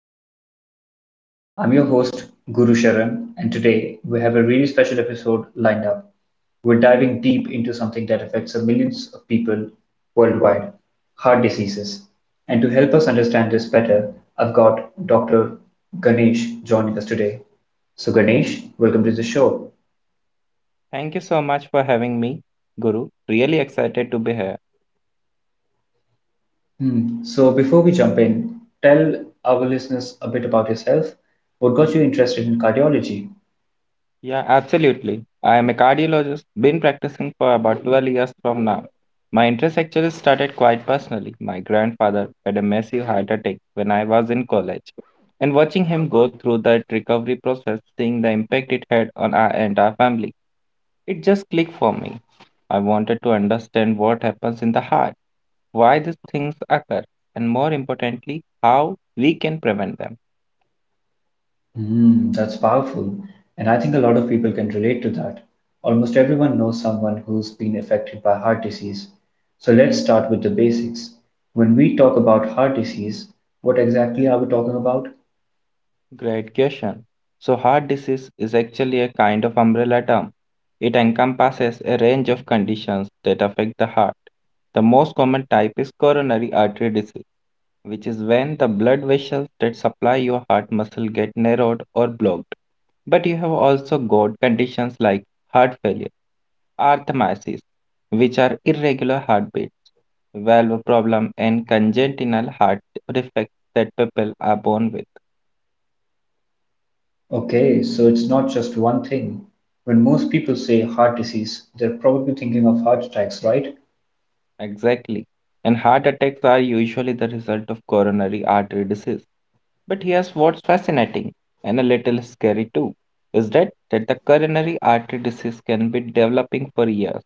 Health Conversations. I'm your host, Guru Sharan, and today we have a really special episode lined up. We're diving deep into something that affects millions of people worldwide heart diseases. And to help us understand this better, I've got Dr. Ganesh joining us today. So, Ganesh, welcome to the show. Thank you so much for having me, Guru. Really excited to be here. Hmm. So, before we jump in, tell our listeners a bit about yourself. What got you interested in cardiology? Yeah, absolutely. I am a cardiologist, been practicing for about 12 years from now. My interest actually started quite personally. My grandfather had a massive heart attack when I was in college. And watching him go through that recovery process, seeing the impact it had on our entire family, it just clicked for me. I wanted to understand what happens in the heart, why these things occur, and more importantly, how we can prevent them. Mm, that's powerful. And I think a lot of people can relate to that. Almost everyone knows someone who's been affected by heart disease. So let's start with the basics. When we talk about heart disease, what exactly are we talking about? Great question. So, heart disease is actually a kind of umbrella term. It encompasses a range of conditions that affect the heart. The most common type is coronary artery disease, which is when the blood vessels that supply your heart muscle get narrowed or blocked. But you have also got conditions like heart failure, arrhythmias, which are irregular heartbeats, valve problem, and congenital heart defects that people are born with. Okay, so it's not just one thing. When most people say heart disease, they're probably thinking of heart attacks, right? Exactly. And heart attacks are usually the result of coronary artery disease. But here's what's fascinating and a little scary too is that the coronary artery disease can be developing for years,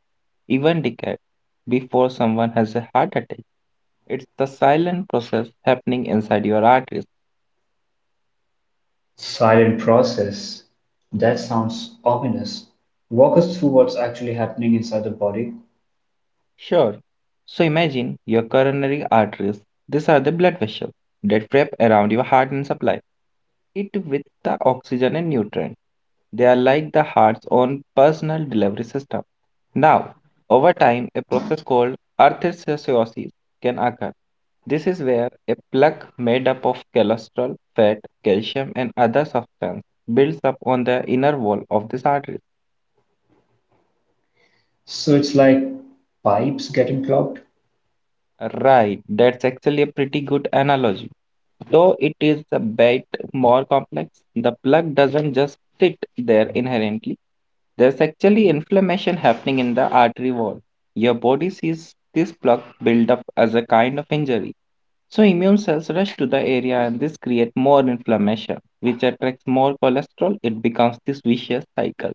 even decades, before someone has a heart attack. It's the silent process happening inside your arteries. Silent process. That sounds ominous. Walk us through what's actually happening inside the body. Sure. So imagine your coronary arteries. These are the blood vessels that wrap around your heart and supply it with the oxygen and nutrients. They are like the heart's own personal delivery system. Now, over time, a process called arthrosclerosis can occur. This is where a plaque made up of cholesterol, fat, calcium, and other substances builds up on the inner wall of this artery. So it's like pipes getting clogged? Right, that's actually a pretty good analogy. Though it is a bit more complex, the plug doesn't just sit there inherently. There's actually inflammation happening in the artery wall. Your body sees this plug build up as a kind of injury. So immune cells rush to the area and this creates more inflammation, which attracts more cholesterol. It becomes this vicious cycle.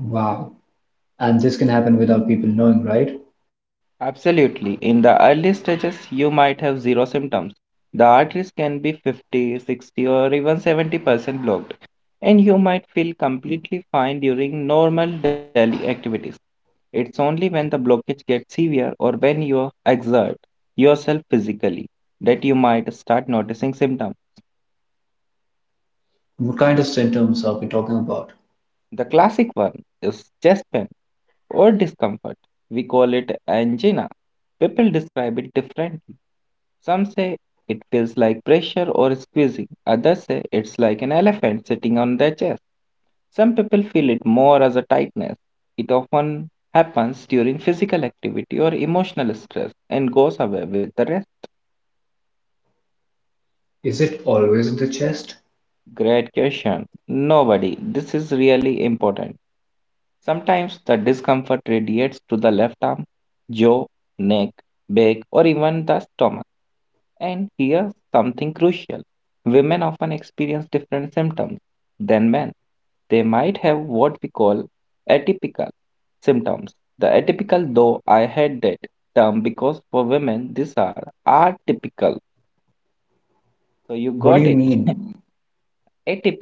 Wow. And this can happen without people knowing, right? Absolutely. In the early stages, you might have zero symptoms. The arteries can be 50, 60, or even 70% blocked, and you might feel completely fine during normal daily activities. It's only when the blockage gets severe or when you exert yourself physically that you might start noticing symptoms. What kind of symptoms are we talking about? The classic one is chest pain or discomfort. We call it angina. People describe it differently. Some say it feels like pressure or squeezing, others say it's like an elephant sitting on their chest. Some people feel it more as a tightness. It often happens during physical activity or emotional stress and goes away with the rest. Is it always the chest? Great question. Nobody, this is really important. Sometimes the discomfort radiates to the left arm, jaw, neck, back, or even the stomach. And here's something crucial: women often experience different symptoms than men. They might have what we call atypical symptoms. The atypical, though, I had that term because for women, these are atypical. So you What do you got it. mean?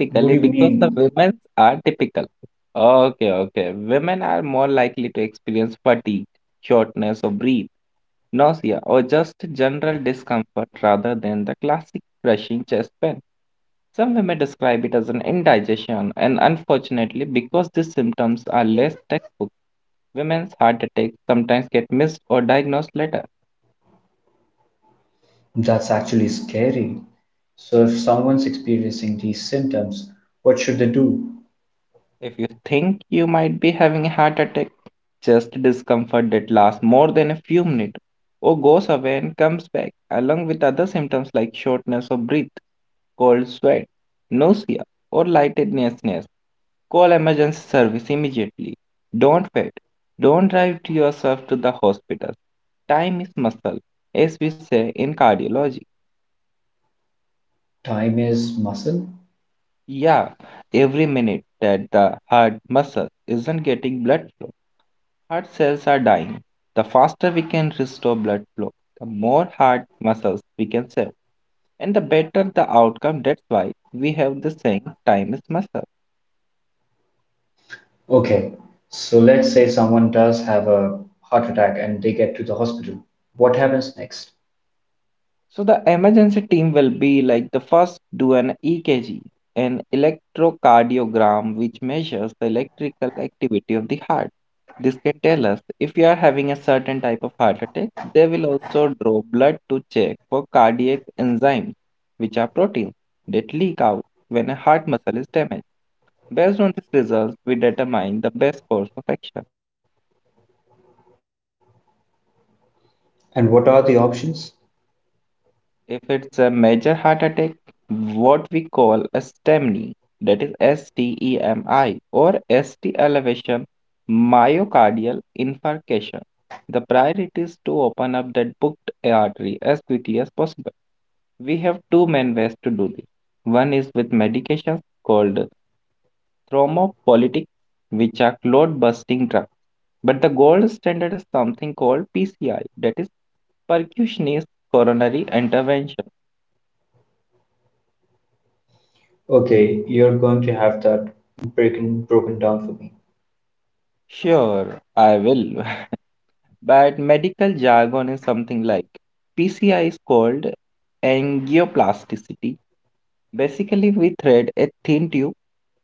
What do you because the mean? women are typical. Okay, okay. Women are more likely to experience fatigue, shortness of breath, nausea, or just general discomfort rather than the classic crushing chest pain. Some women describe it as an indigestion, and unfortunately, because these symptoms are less textbook, women's heart attacks sometimes get missed or diagnosed later. That's actually scary. So, if someone's experiencing these symptoms, what should they do? If you think you might be having a heart attack, just discomfort that lasts more than a few minutes or goes away and comes back, along with other symptoms like shortness of breath, cold sweat, nausea, or lightheadedness. Call emergency service immediately. Don't wait. Don't drive to yourself to the hospital. Time is muscle, as we say in cardiology. Time is muscle? Yeah, every minute that the heart muscle isn't getting blood, heart cells are dying. The faster we can restore blood flow, the more heart muscles we can save, and the better the outcome. That's why we have the saying, time is muscle. Okay, so let's say someone does have a heart attack and they get to the hospital. What happens next? So the emergency team will be like the first do an EKG, an electrocardiogram which measures the electrical activity of the heart. This can tell us if you are having a certain type of heart attack. They will also draw blood to check for cardiac enzymes, which are proteins that leak out when a heart muscle is damaged. Based on these results, we determine the best course of action. And what are the options? If it's a major heart attack, what we call a STEMI, that is STEMI or ST elevation myocardial infarction, the priority is to open up that booked artery as quickly as possible. We have two main ways to do this. One is with medications called thrombolytics, which are clot busting drugs. But the gold standard is something called PCI, that is percutaneous coronary intervention. Okay, you're going to have that breaking broken down for me. Sure, I will. But medical jargon is something like PCI is called angioplasticity. Basically, we thread a thin tube,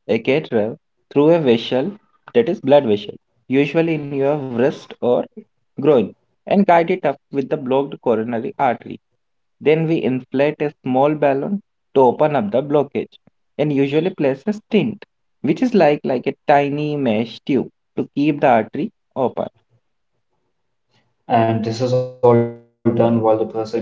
a catheter, through a vessel, that is blood vessel, usually in your wrist or groin, and guide it up with the blocked coronary artery. Then we inflate a small balloon to open up the blockage and usually place a stent, which is like a tiny mesh tube to keep the artery open. And this is all done while the person is awake?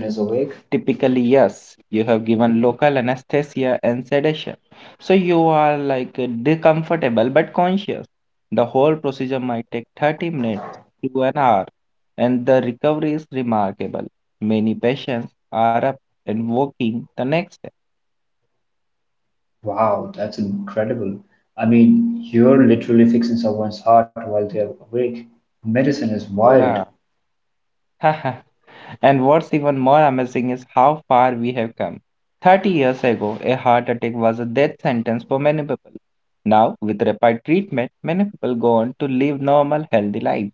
Typically, yes, you have given local anesthesia and sedation. So you are discomfortable but conscious. The whole procedure might take 30 minutes to an hour, and the recovery is remarkable. Many patients are up and walking the next day. Wow, that's incredible. I mean, you're literally fixing someone's heart while they're awake. Medicine is wild. Yeah. And what's even more amazing is how far we have come. 30 years ago, a heart attack was a death sentence for many people. Now, with rapid treatment, many people go on to live normal, healthy lives.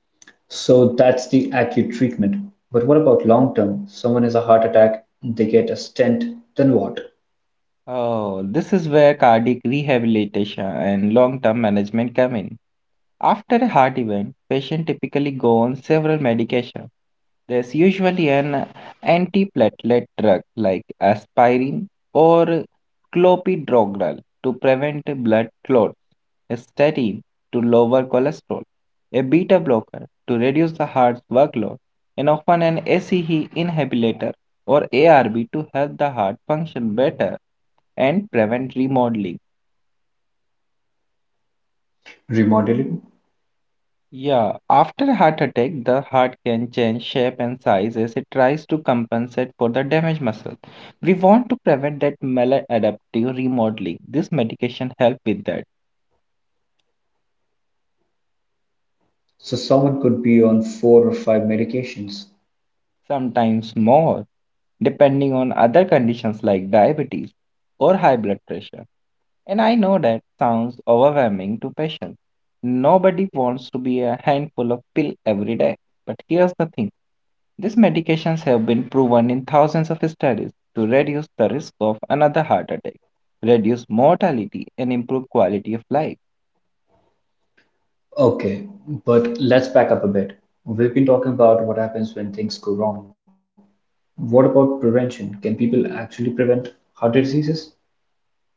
So that's the acute treatment. But what about long term? Someone has a heart attack, they get a stent, then what? Oh, this is where cardiac rehabilitation and long term management come in. After a heart event, patients typically go on several medications. There's usually an antiplatelet drug like aspirin or clopidogrel to prevent blood clots, a statin to lower cholesterol, a beta blocker to reduce the heart's workload, and often an ACE inhibitor or ARB to help the heart function better and prevent remodeling. Remodeling? Yeah, after heart attack, the heart can change shape and size as it tries to compensate for the damaged muscle. We want to prevent that maladaptive remodeling. This medication helps with that, So someone could be on four or five medications. sometimes more, depending on other conditions like diabetes or high blood pressure. And I know that sounds overwhelming to patients. Nobody wants to be a handful of pill every day. But here's the thing: these medications have been proven in thousands of studies to reduce the risk of another heart attack, reduce mortality, and improve quality of life. Okay, but let's back up a bit. We've been talking about what happens when things go wrong. What about prevention? Can people actually prevent heart diseases?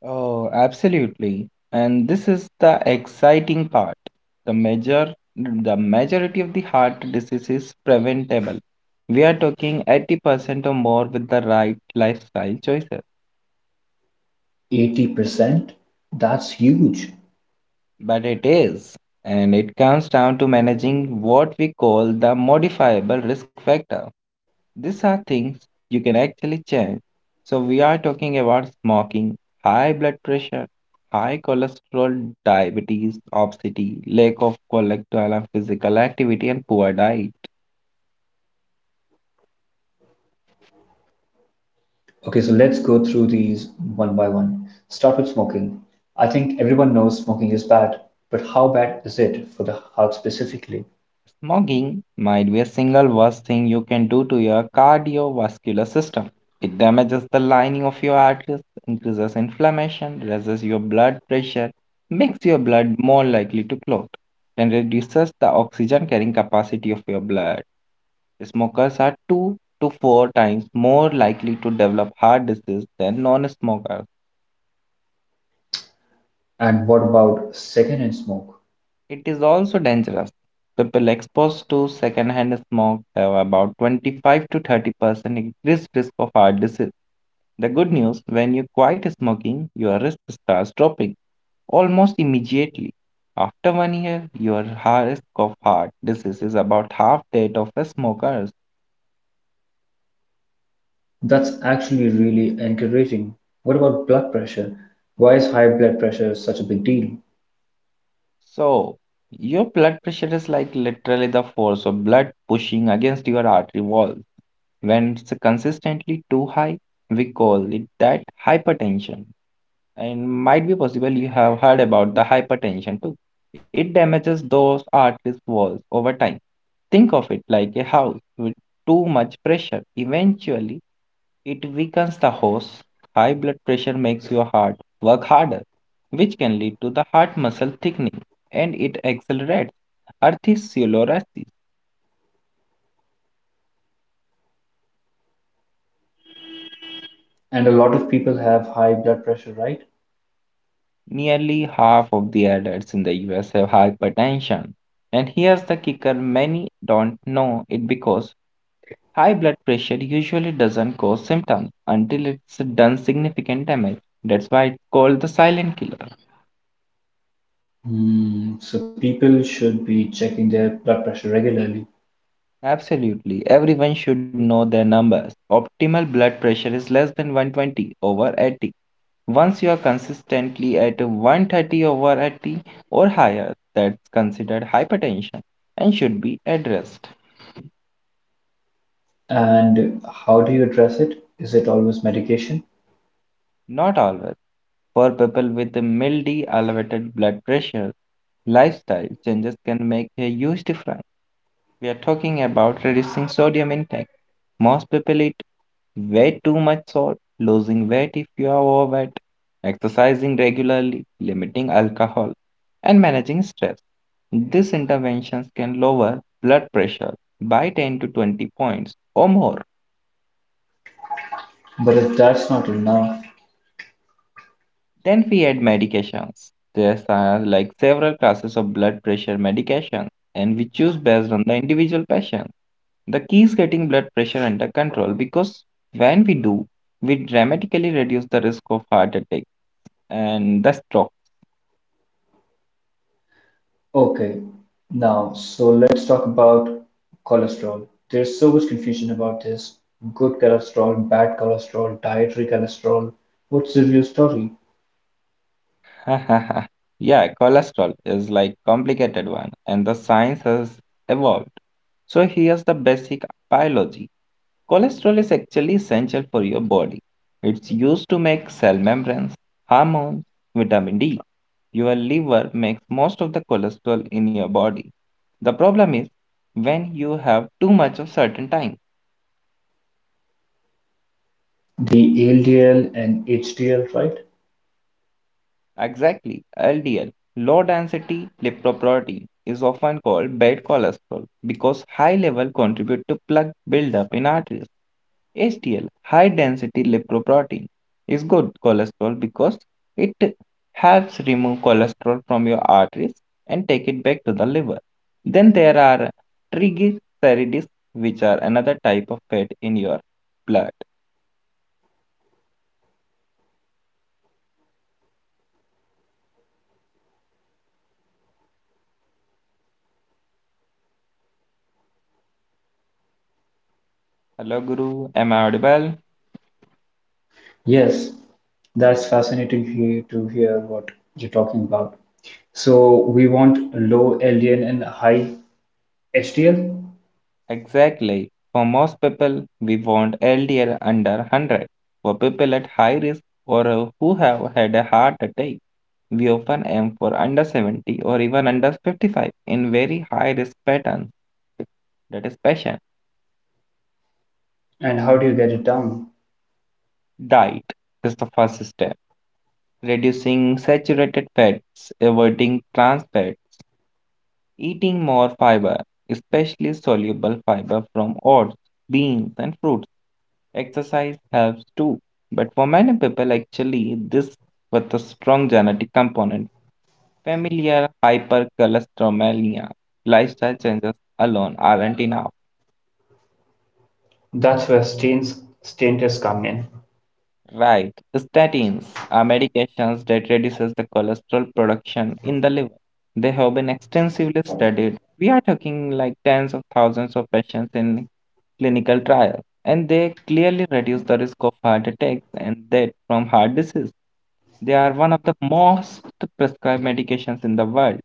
Oh, absolutely. And this is the exciting part. The majority of the heart disease is preventable. We are talking 80% or more with the right lifestyle choices. 80%? That's huge. But it is, and it comes down to managing what we call the modifiable risk factor. These are things you can actually change. So, we are talking about smoking, high blood pressure, high cholesterol, diabetes, obesity, lack of collectual and physical activity, and poor diet. Okay, so let's go through these one by one. Start with smoking. I think everyone knows smoking is bad, but how bad is it for the heart specifically? Smoking might be a single worst thing you can do to your cardiovascular system. It damages the lining of your arteries, increases inflammation, raises your blood pressure, makes your blood more likely to clot, and reduces the oxygen carrying capacity of your blood. Smokers are 2 to 4 times more likely to develop heart disease than non smokers. And what about secondhand smoke? It is also dangerous. People exposed to secondhand smoke have about 25 to 30% increased risk of heart disease. The good news: when you quit smoking, your risk starts dropping almost immediately. After 1 year, your heart- risk of heart disease is about half that of a smoker's. That's actually really encouraging. What about blood pressure? Why is high blood pressure such a big deal? So, your blood pressure is like literally the force of blood pushing against your artery wall. When it's consistently too high, we call it that hypertension. And might be possible you have heard about the hypertension too. It damages those arteries walls over time. Think of it like a house with too much pressure. Eventually, it weakens the hose. High blood pressure makes your heart work harder, which can lead to the heart muscle thickening and it accelerates atherosclerosis. And a lot of people have high blood pressure, right? Nearly half of the adults in the US have hypertension. And here's the kicker: many don't know it because high blood pressure usually doesn't cause symptoms until it's done significant damage. That's why it's called the silent killer. Mm, so people should be checking their blood pressure regularly. Absolutely, everyone should know their numbers. Optimal blood pressure is less than 120 over 80. Once you are consistently at 130 over 80 or higher, that's considered hypertension and should be addressed. And how do you address it? Is it always medication? Not always. For people with mildly elevated blood pressure, lifestyle changes can make a huge difference. We are talking about reducing sodium intake. Most people eat way too much salt, losing weight if you are overweight, exercising regularly, limiting alcohol, and managing stress. These interventions can lower blood pressure by 10 to 20 points or more. But if that's not enough, Then we add medications. There are several classes of blood pressure medications, and we choose based on the individual patient. The key is getting blood pressure under control because when we do, we dramatically reduce the risk of heart attack and the stroke. okay. Now, so let's talk about cholesterol. There's so much confusion about this. Good cholesterol, bad cholesterol, dietary cholesterol. What's the real story? Yeah, cholesterol is complicated one and the science has evolved. So here's the basic biology. Cholesterol is actually essential for your body. It's used to make cell membranes, hormones, vitamin D. Your liver makes most of the cholesterol in your body. The problem is when you have too much of certain time. The LDL and HDL, right? Exactly, LDL, low density lipoprotein, is often called bad cholesterol because high level contribute to plaque buildup in arteries. HDL, high density lipoprotein, is good cholesterol because it helps remove cholesterol from your arteries and take it back to the liver. Then there are triglycerides, which are another type of fat in your blood. Hello, Guru. Am I audible? Yes, that's fascinating here to hear what you're talking about. So we want low LDL and high HDL. Exactly. For most people, we want LDL under 100. For people at high risk or who have had a heart attack, we often aim for under 70 or even under 55 in very high risk patterns. That is passion. And how do you get it down? Diet is the first step. Reducing saturated fats, avoiding trans fats, eating more fiber, especially soluble fiber from oats, beans, and fruits. Exercise helps too. But for many people, actually, this with a strong genetic component. Familiar hypercholesterolemia lifestyle changes alone aren't enough. That's where statins come in. Right. Statins are medications that reduces the cholesterol production in the liver. They have been extensively studied. We are talking tens of thousands of patients in clinical trials, and they clearly reduce the risk of heart attacks and death from heart disease. They are one of the most prescribed medications in the world.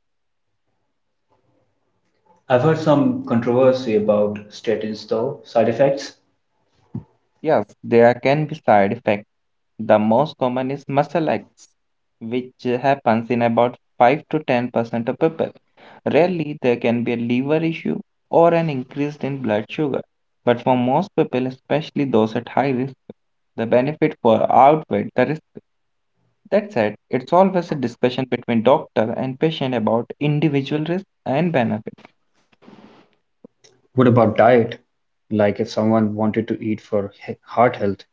I've heard some controversy about statins though, side effects. Yes, there can be side effects. The most common is muscle aches, which happens in about 5 to 10% of people. Rarely, there can be a liver issue or an increase in blood sugar. But for most people, especially those at high risk, the benefit far outweigh the risk. That said, it's always a discussion between doctor and patient about individual risk and benefit. What about diet? Like if someone wanted to eat for heart health,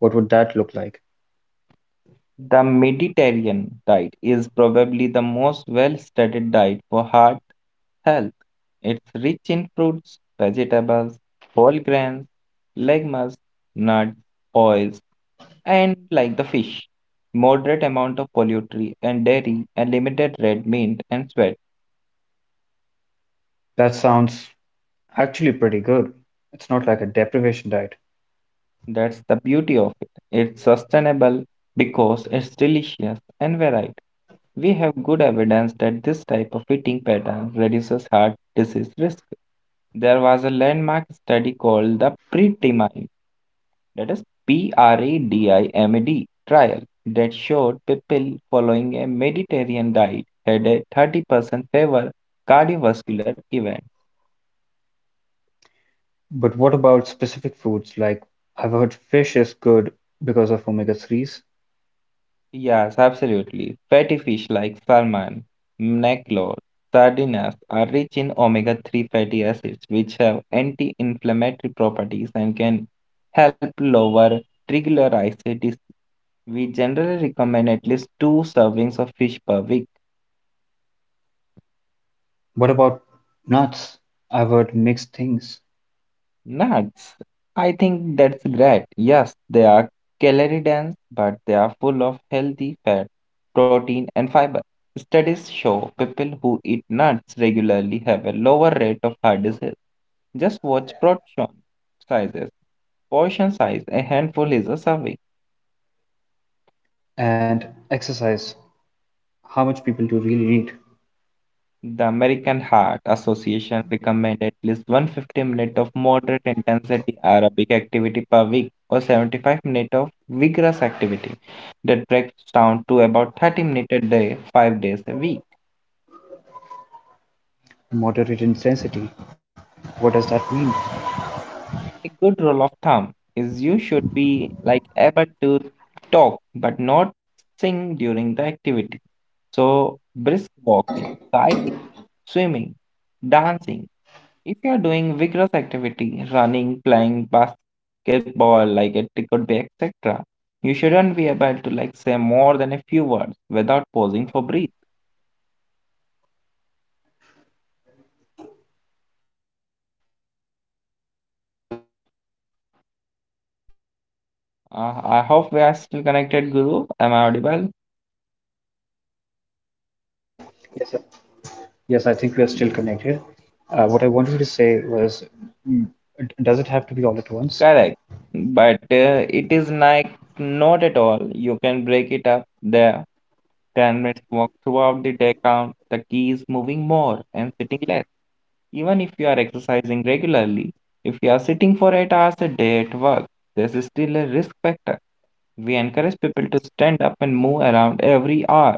what would that look like? The Mediterranean diet is probably the most well studied diet for heart health. It's rich in fruits, vegetables, whole grains, legumes, nuts, oils, and the fish, moderate amount of poultry and dairy, and limited red meat and sweat. That sounds actually pretty good. It's not like a deprivation diet. That's the beauty of it. It's sustainable because it's delicious and varied. We have good evidence that this type of eating pattern reduces heart disease risk. There was a landmark study called the PREDIMAME, that is PREDIMED trial that showed people following a Mediterranean diet had a 30% favor cardiovascular event. But what about specific foods? Like I've heard fish is good because of omega 3s. Yes, absolutely. Fatty fish like salmon, mackerel, sardines are rich in omega-3 fatty acids, which have anti-inflammatory properties and can help lower triglycerides. We generally recommend at least two servings of fish per week. What about nuts? I've heard mixed things. Nuts. I think that's great. Yes, they are calorie dense, but they are full of healthy fat, protein, and fiber. Studies show people who eat nuts regularly have a lower rate of heart disease. Just watch portion sizes. Portion size, a handful is a serving. And exercise. How much people do really need? The American Heart Association recommends at least 150 minutes of moderate intensity aerobic activity per week or 75 minutes of vigorous activity that breaks down to about 30 minutes a day, 5 days a week. Moderate intensity. What does that mean? A good rule of thumb is you should be able to talk but not sing during the activity. So brisk walking, cycling, swimming, dancing. If you are doing vigorous activity, running, playing basketball, etc., you shouldn't be able to say more than a few words without pausing for breath. And does it have to be all at once? I hope we are still connected, Guru. Am I audible? Yes, yes, I think we are still connected. What I wanted to say was, mm, does it have to be all at once? Correct. But it is not at all. You can break it up there. 10 minutes walk throughout the day count. The key is moving more and sitting less. Even if you are exercising regularly, if you are sitting for 8 hours a day at work, this is still a risk factor. We encourage people to stand up and move around every hour.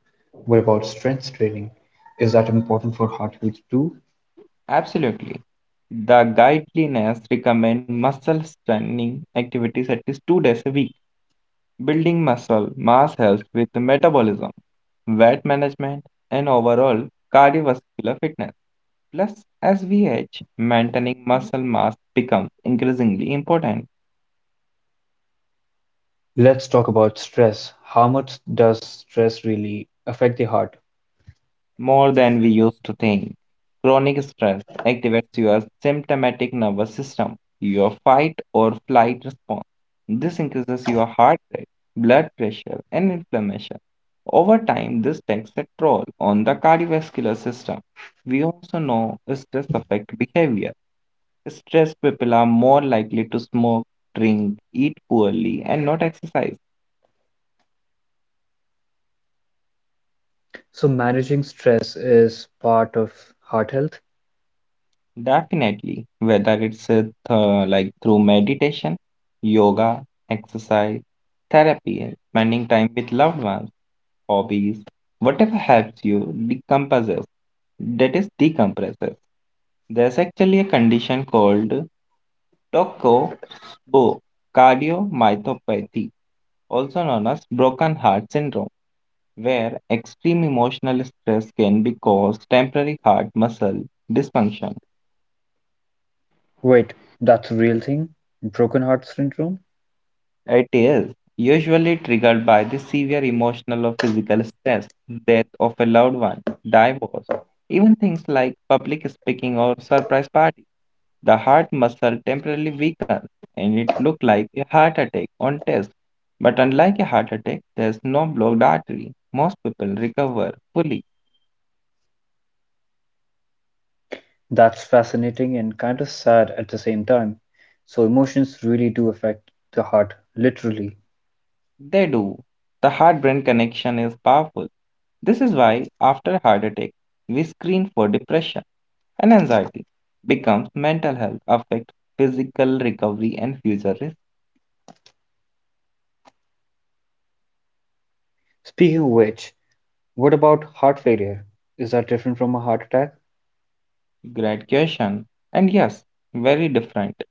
What about strength training? Is that important for heart health too? Absolutely. The guidelines recommend muscle strengthening activities at least 2 days a week. Building muscle mass helps with metabolism, weight management, and overall cardiovascular fitness. Plus, as we age, maintaining muscle mass becomes increasingly important. Let's talk about stress. How much does stress really affect the heart? More than we used to think. Chronic stress activates your symptomatic nervous system, your fight or flight response. This increases your heart rate, blood pressure, and inflammation. Over time, this takes a toll on the cardiovascular system. We also know stress affects behavior. Stressed people are more likely to smoke, drink, eat poorly, and not exercise. So managing stress is part of heart health? Definitely, whether it's through meditation, yoga, exercise, therapy, spending time with loved ones, hobbies, whatever helps you decompresses. That is decompresses. There's actually a condition called cardiomyopathy, also known as broken heart syndrome, where extreme emotional stress can be caused temporary heart muscle dysfunction. Wait, that's a real thing? Broken heart syndrome? It is usually triggered by the severe emotional or physical stress, death of a loved one, divorce, even things like public speaking or surprise parties. The heart muscle temporarily weakens and it looks like a heart attack on test. But unlike a heart attack, there's no blocked artery. Most people recover fully. That's fascinating and kind of sad at the same time. So emotions really do affect the heart, literally. They do. The heart brain connection is powerful. This is why, after heart attack, we screen for depression and anxiety becomes mental health affect physical recovery and future risk. Speaking of which, what about heart failure? Is that different from a heart attack? Great question. And yes, very different.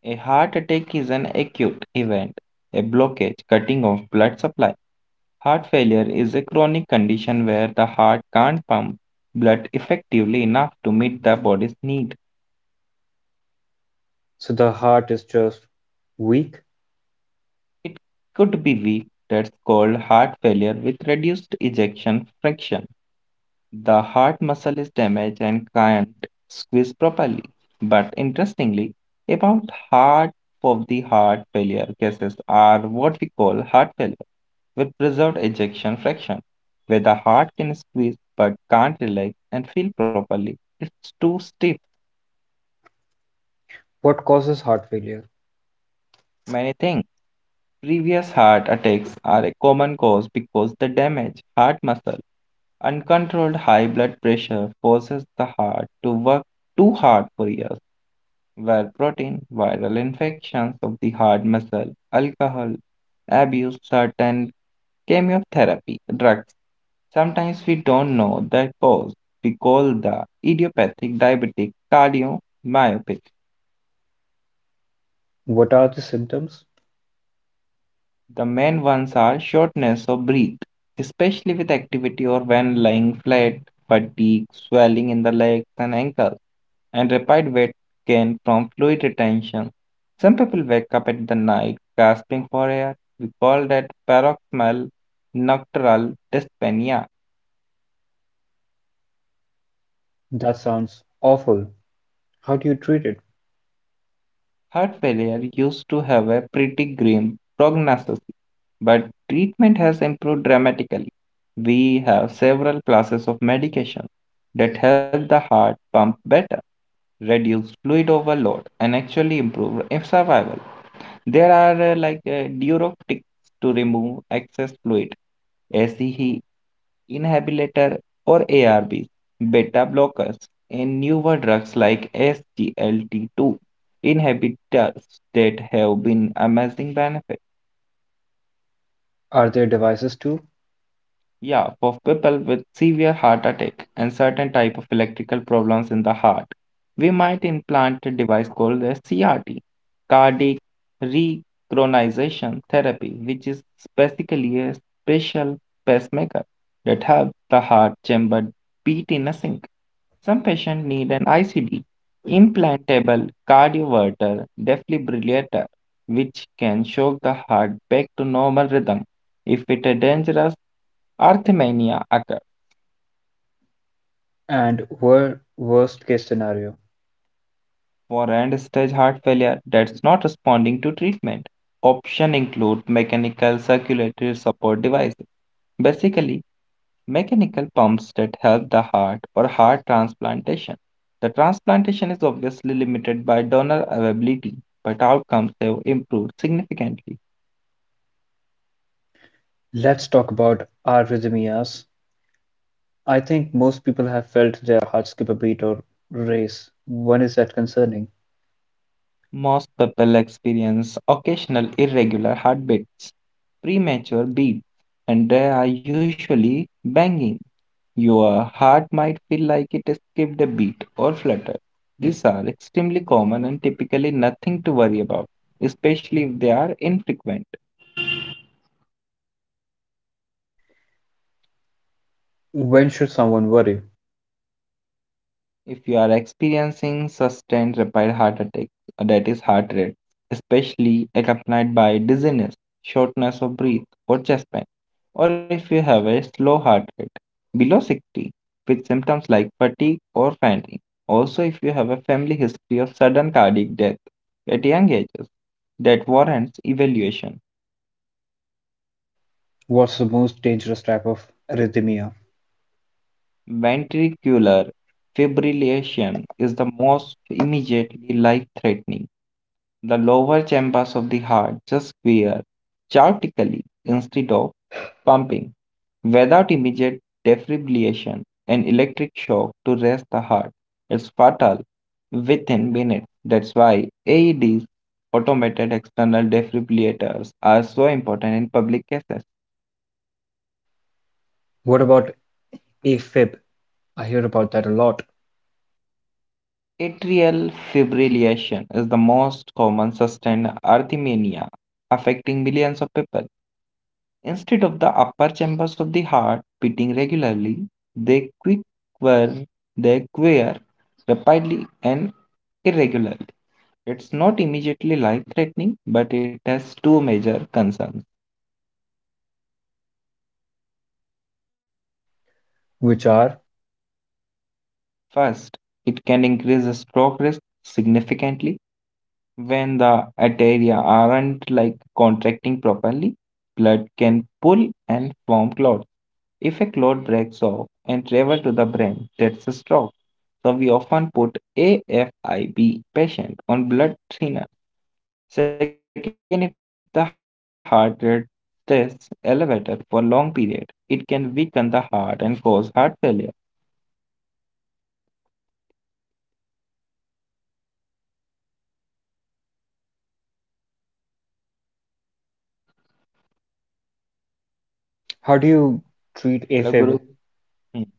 A heart attack is an acute event, a blockage, cutting of blood supply. Heart failure is a chronic condition where the heart can't pump blood effectively enough to meet the body's need. So the heart is just weak? It could be weak. That's called heart failure with reduced ejection fraction. The heart muscle is damaged and can't squeeze properly. But interestingly, about half of the heart failure cases are what we call heart failure with preserved ejection fraction, where the heart can squeeze but can't relax and feel properly. It's too stiff. What causes heart failure? Many things. Previous heart attacks are a common cause because the damaged heart muscle. Uncontrolled high blood pressure forces the heart to work too hard for years, where protein, viral infections of the heart muscle, alcohol abuse, certain chemotherapy drugs. Sometimes we don't know the cause. We call the idiopathic diabetic cardiomyopathy. What are the symptoms? The main ones are shortness of breath, especially with activity or when lying flat, fatigue, swelling in the legs and ankles, and rapid weight gain from fluid retention. Some people wake up at the night gasping for air. We call that paroxysmal nocturnal dyspnea. That sounds awful. How do you treat it? Heart failure used to have a pretty grim prognosis, but treatment has improved dramatically. We have several classes of medication that help the heart pump better, reduce fluid overload, and actually improve if survival. There are diuretics to remove excess fluid, ACE inhibitor or ARBs, beta blockers, and newer drugs like SGLT2 inhibitors that have been amazing benefits. Are there devices too? Yeah, for people with severe heart attack and certain type of electrical problems in the heart, we might implant a device called a CRT, cardiac rechronization therapy, which is basically a special pacemaker that helps the heart chamber beat in a sync. Some patients need an ICD, implantable cardioverter defibrillator, which can shock the heart back to normal rhythm if it a dangerous arrhythmia occur And worst-case scenario, for end-stage heart failure that's not responding to treatment. Options include mechanical circulatory support devices, basically mechanical pumps that help the heart or heart transplantation. The transplantation is obviously limited by donor availability, but outcomes have improved significantly. let's talk about arrhythmias. I think most people have felt their heart skip a beat or race. When is that concerning? Most people experience occasional irregular heartbeats, premature beats, and they are usually banging. Your heart might feel like it skipped a beat or fluttered. These are extremely common and typically nothing to worry about, especially if they are infrequent. When should someone worry? If you are experiencing sustained rapid heart attack, that is heart rate, especially accompanied by dizziness, shortness of breath, or chest pain, or if you have a slow heart rate below 60 with symptoms like fatigue or fainting, also if you have a family history of sudden cardiac death at young ages, that warrants evaluation. What's the most dangerous type of arrhythmia? Ventricular fibrillation is the most immediately life threatening. The lower chambers of the heart just wear chaotically instead of pumping. Without immediate defibrillation and electric shock to rest the heart, it's fatal within minutes. That's why AEDs, automated external defibrillators, are so important in public cases. What about AFib? I hear about that a lot. Atrial fibrillation is the most common sustained arrhythmia affecting millions of people. Instead of the upper chambers of the heart beating regularly, they quiver, they quiver rapidly and irregularly. It's not immediately life-threatening, but it has two major concerns. Which are? First, it can increase the stroke risk significantly when the arteria aren't contracting properly, blood can pull and form clots. If a clot breaks off and travels to the brain, that's a stroke. So we often put AFIB patient on blood thinner. Second, if the heart rate stays elevated for long period, it can weaken the heart and cause heart failure. How do you treat Hello, AFib? Guru. Hmm.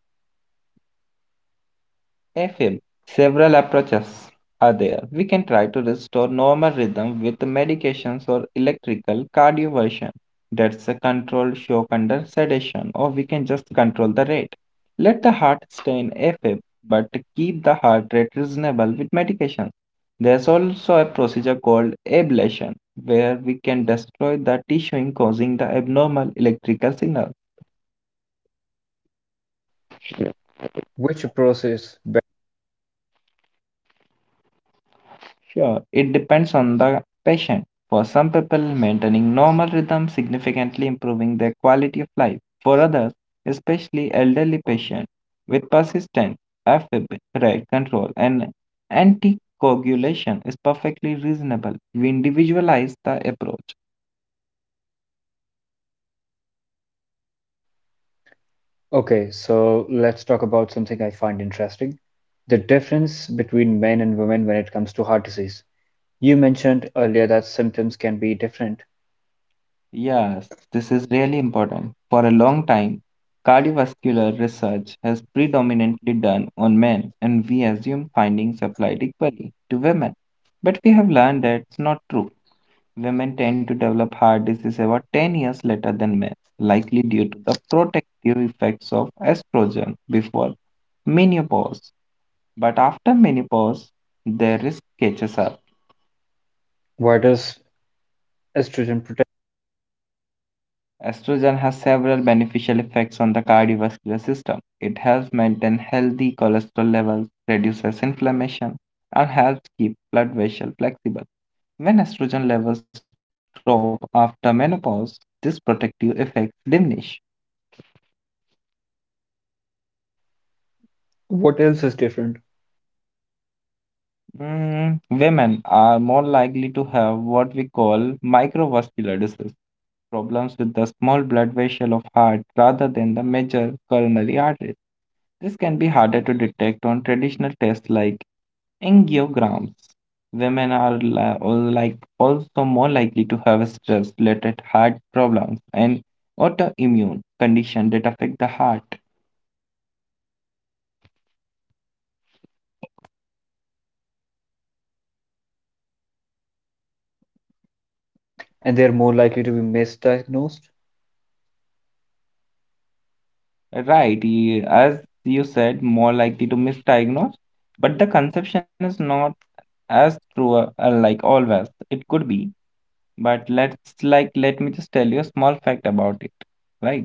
FM, several approaches are there. We can try to restore normal rhythm with medications or electrical cardioversion. That's a controlled shock under sedation, or we can just control the rate. Let the heart stay in FM, but keep the heart rate reasonable with medications. There's also a procedure called ablation, where we can destroy the tissue in causing the abnormal electrical signal. Which approach is better? Sure, it depends on the patient. For some people, maintaining normal rhythm significantly improving their quality of life. For others, especially elderly patients with persistent AFib, rate control, and anticoagulation is perfectly reasonable. We individualize the approach. Okay, so let's talk about something I find interesting. The difference between men and women when it comes to heart disease. You mentioned earlier that symptoms can be different. Yes, this is really important. For a long time, cardiovascular research has predominantly done on men, and we assume findings applied equally to women. But we have learned that it's not true. Women tend to develop heart disease about 10 years later than men, likely due to the protective effects of estrogen before menopause. But after menopause, their risk catches up. Why does estrogen protect? Estrogen has several beneficial effects on the cardiovascular system. It helps maintain healthy cholesterol levels, reduces inflammation, and helps keep blood vessels flexible. When estrogen levels drop after menopause, these protective effects diminish. What else is different? Mm, women are more likely to have what we call microvascular disease, problems with the small blood vessel of heart rather than the major coronary arteries. This can be harder to detect on traditional tests like angiograms. Women are like also more likely to have stress-related heart problems and autoimmune conditions that affect the heart. And they're more likely to be misdiagnosed. Right, as you said, more likely to misdiagnose, but the conception is not as true like always. It could be, but let me just tell you a small fact about it. Right.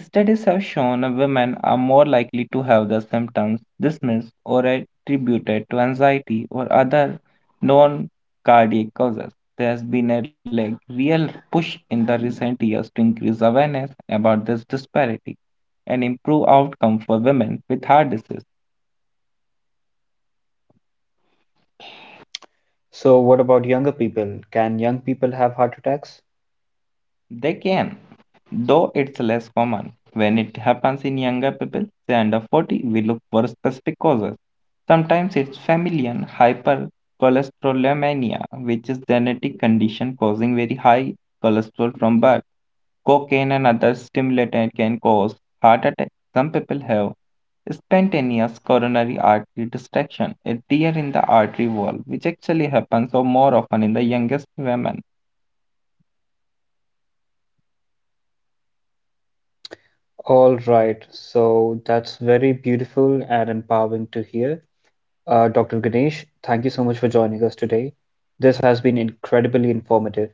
Studies have shown that women are more likely to have the symptoms dismissed or attributed to anxiety or other non cardiac causes. There has been a real push in the recent years to increase awareness about this disparity and improve outcome for women with heart disease. So, what about younger people? Can young people have heart attacks? They can. Though it's less common. When it happens in younger people, say under 40, we look for specific causes. Sometimes it's familial hypercholesterolemia, which is genetic condition causing very high cholesterol from birth. Cocaine and other stimulants can cause heart attack. Some people have spontaneous coronary artery distraction, a tear in the artery wall, which actually happens or more often in the youngest women. All right, so that's very beautiful and empowering to hear. Dr. Ganesh, thank you so much for joining us today. This has been incredibly informative.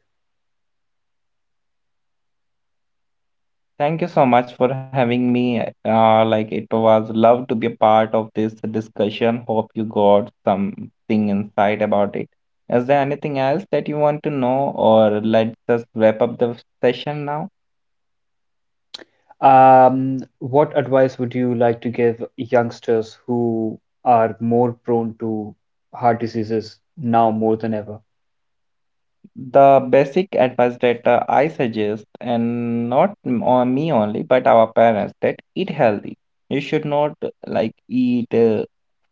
Thank you so much for having me. It was love to be a part of this discussion. Hope you got something insight about it. Is there anything else that you want to know, or let's just wrap up the session now? What advice would you like to give youngsters who are more prone to heart diseases now more than ever? The basic advice that I suggest, and not on me only, but our parents, that eat healthy. You should not eat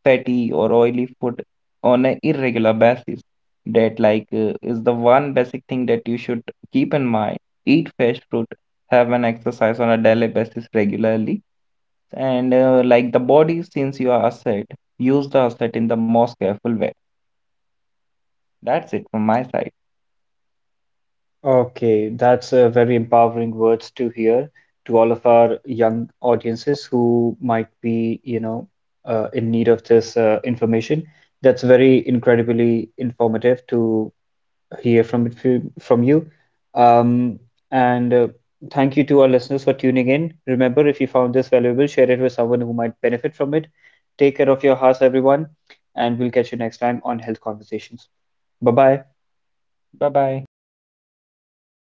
fatty or oily food on an irregular basis. That is the one basic thing that you should keep in mind. Eat fresh fruit, have an exercise on a daily basis regularly, and the body, since you are asset, use the asset in the most careful way. That's it from my side. Okay, that's a very empowering words to hear to all of our young audiences who might be, you know, in need of this information. That's very incredibly informative to hear from from you. Um, and thank you to our listeners for tuning in. Remember, if you found this valuable, share it with someone who might benefit from it. Take care of your house, everyone, and we'll catch you next time on Health Conversations. Bye bye. Bye bye.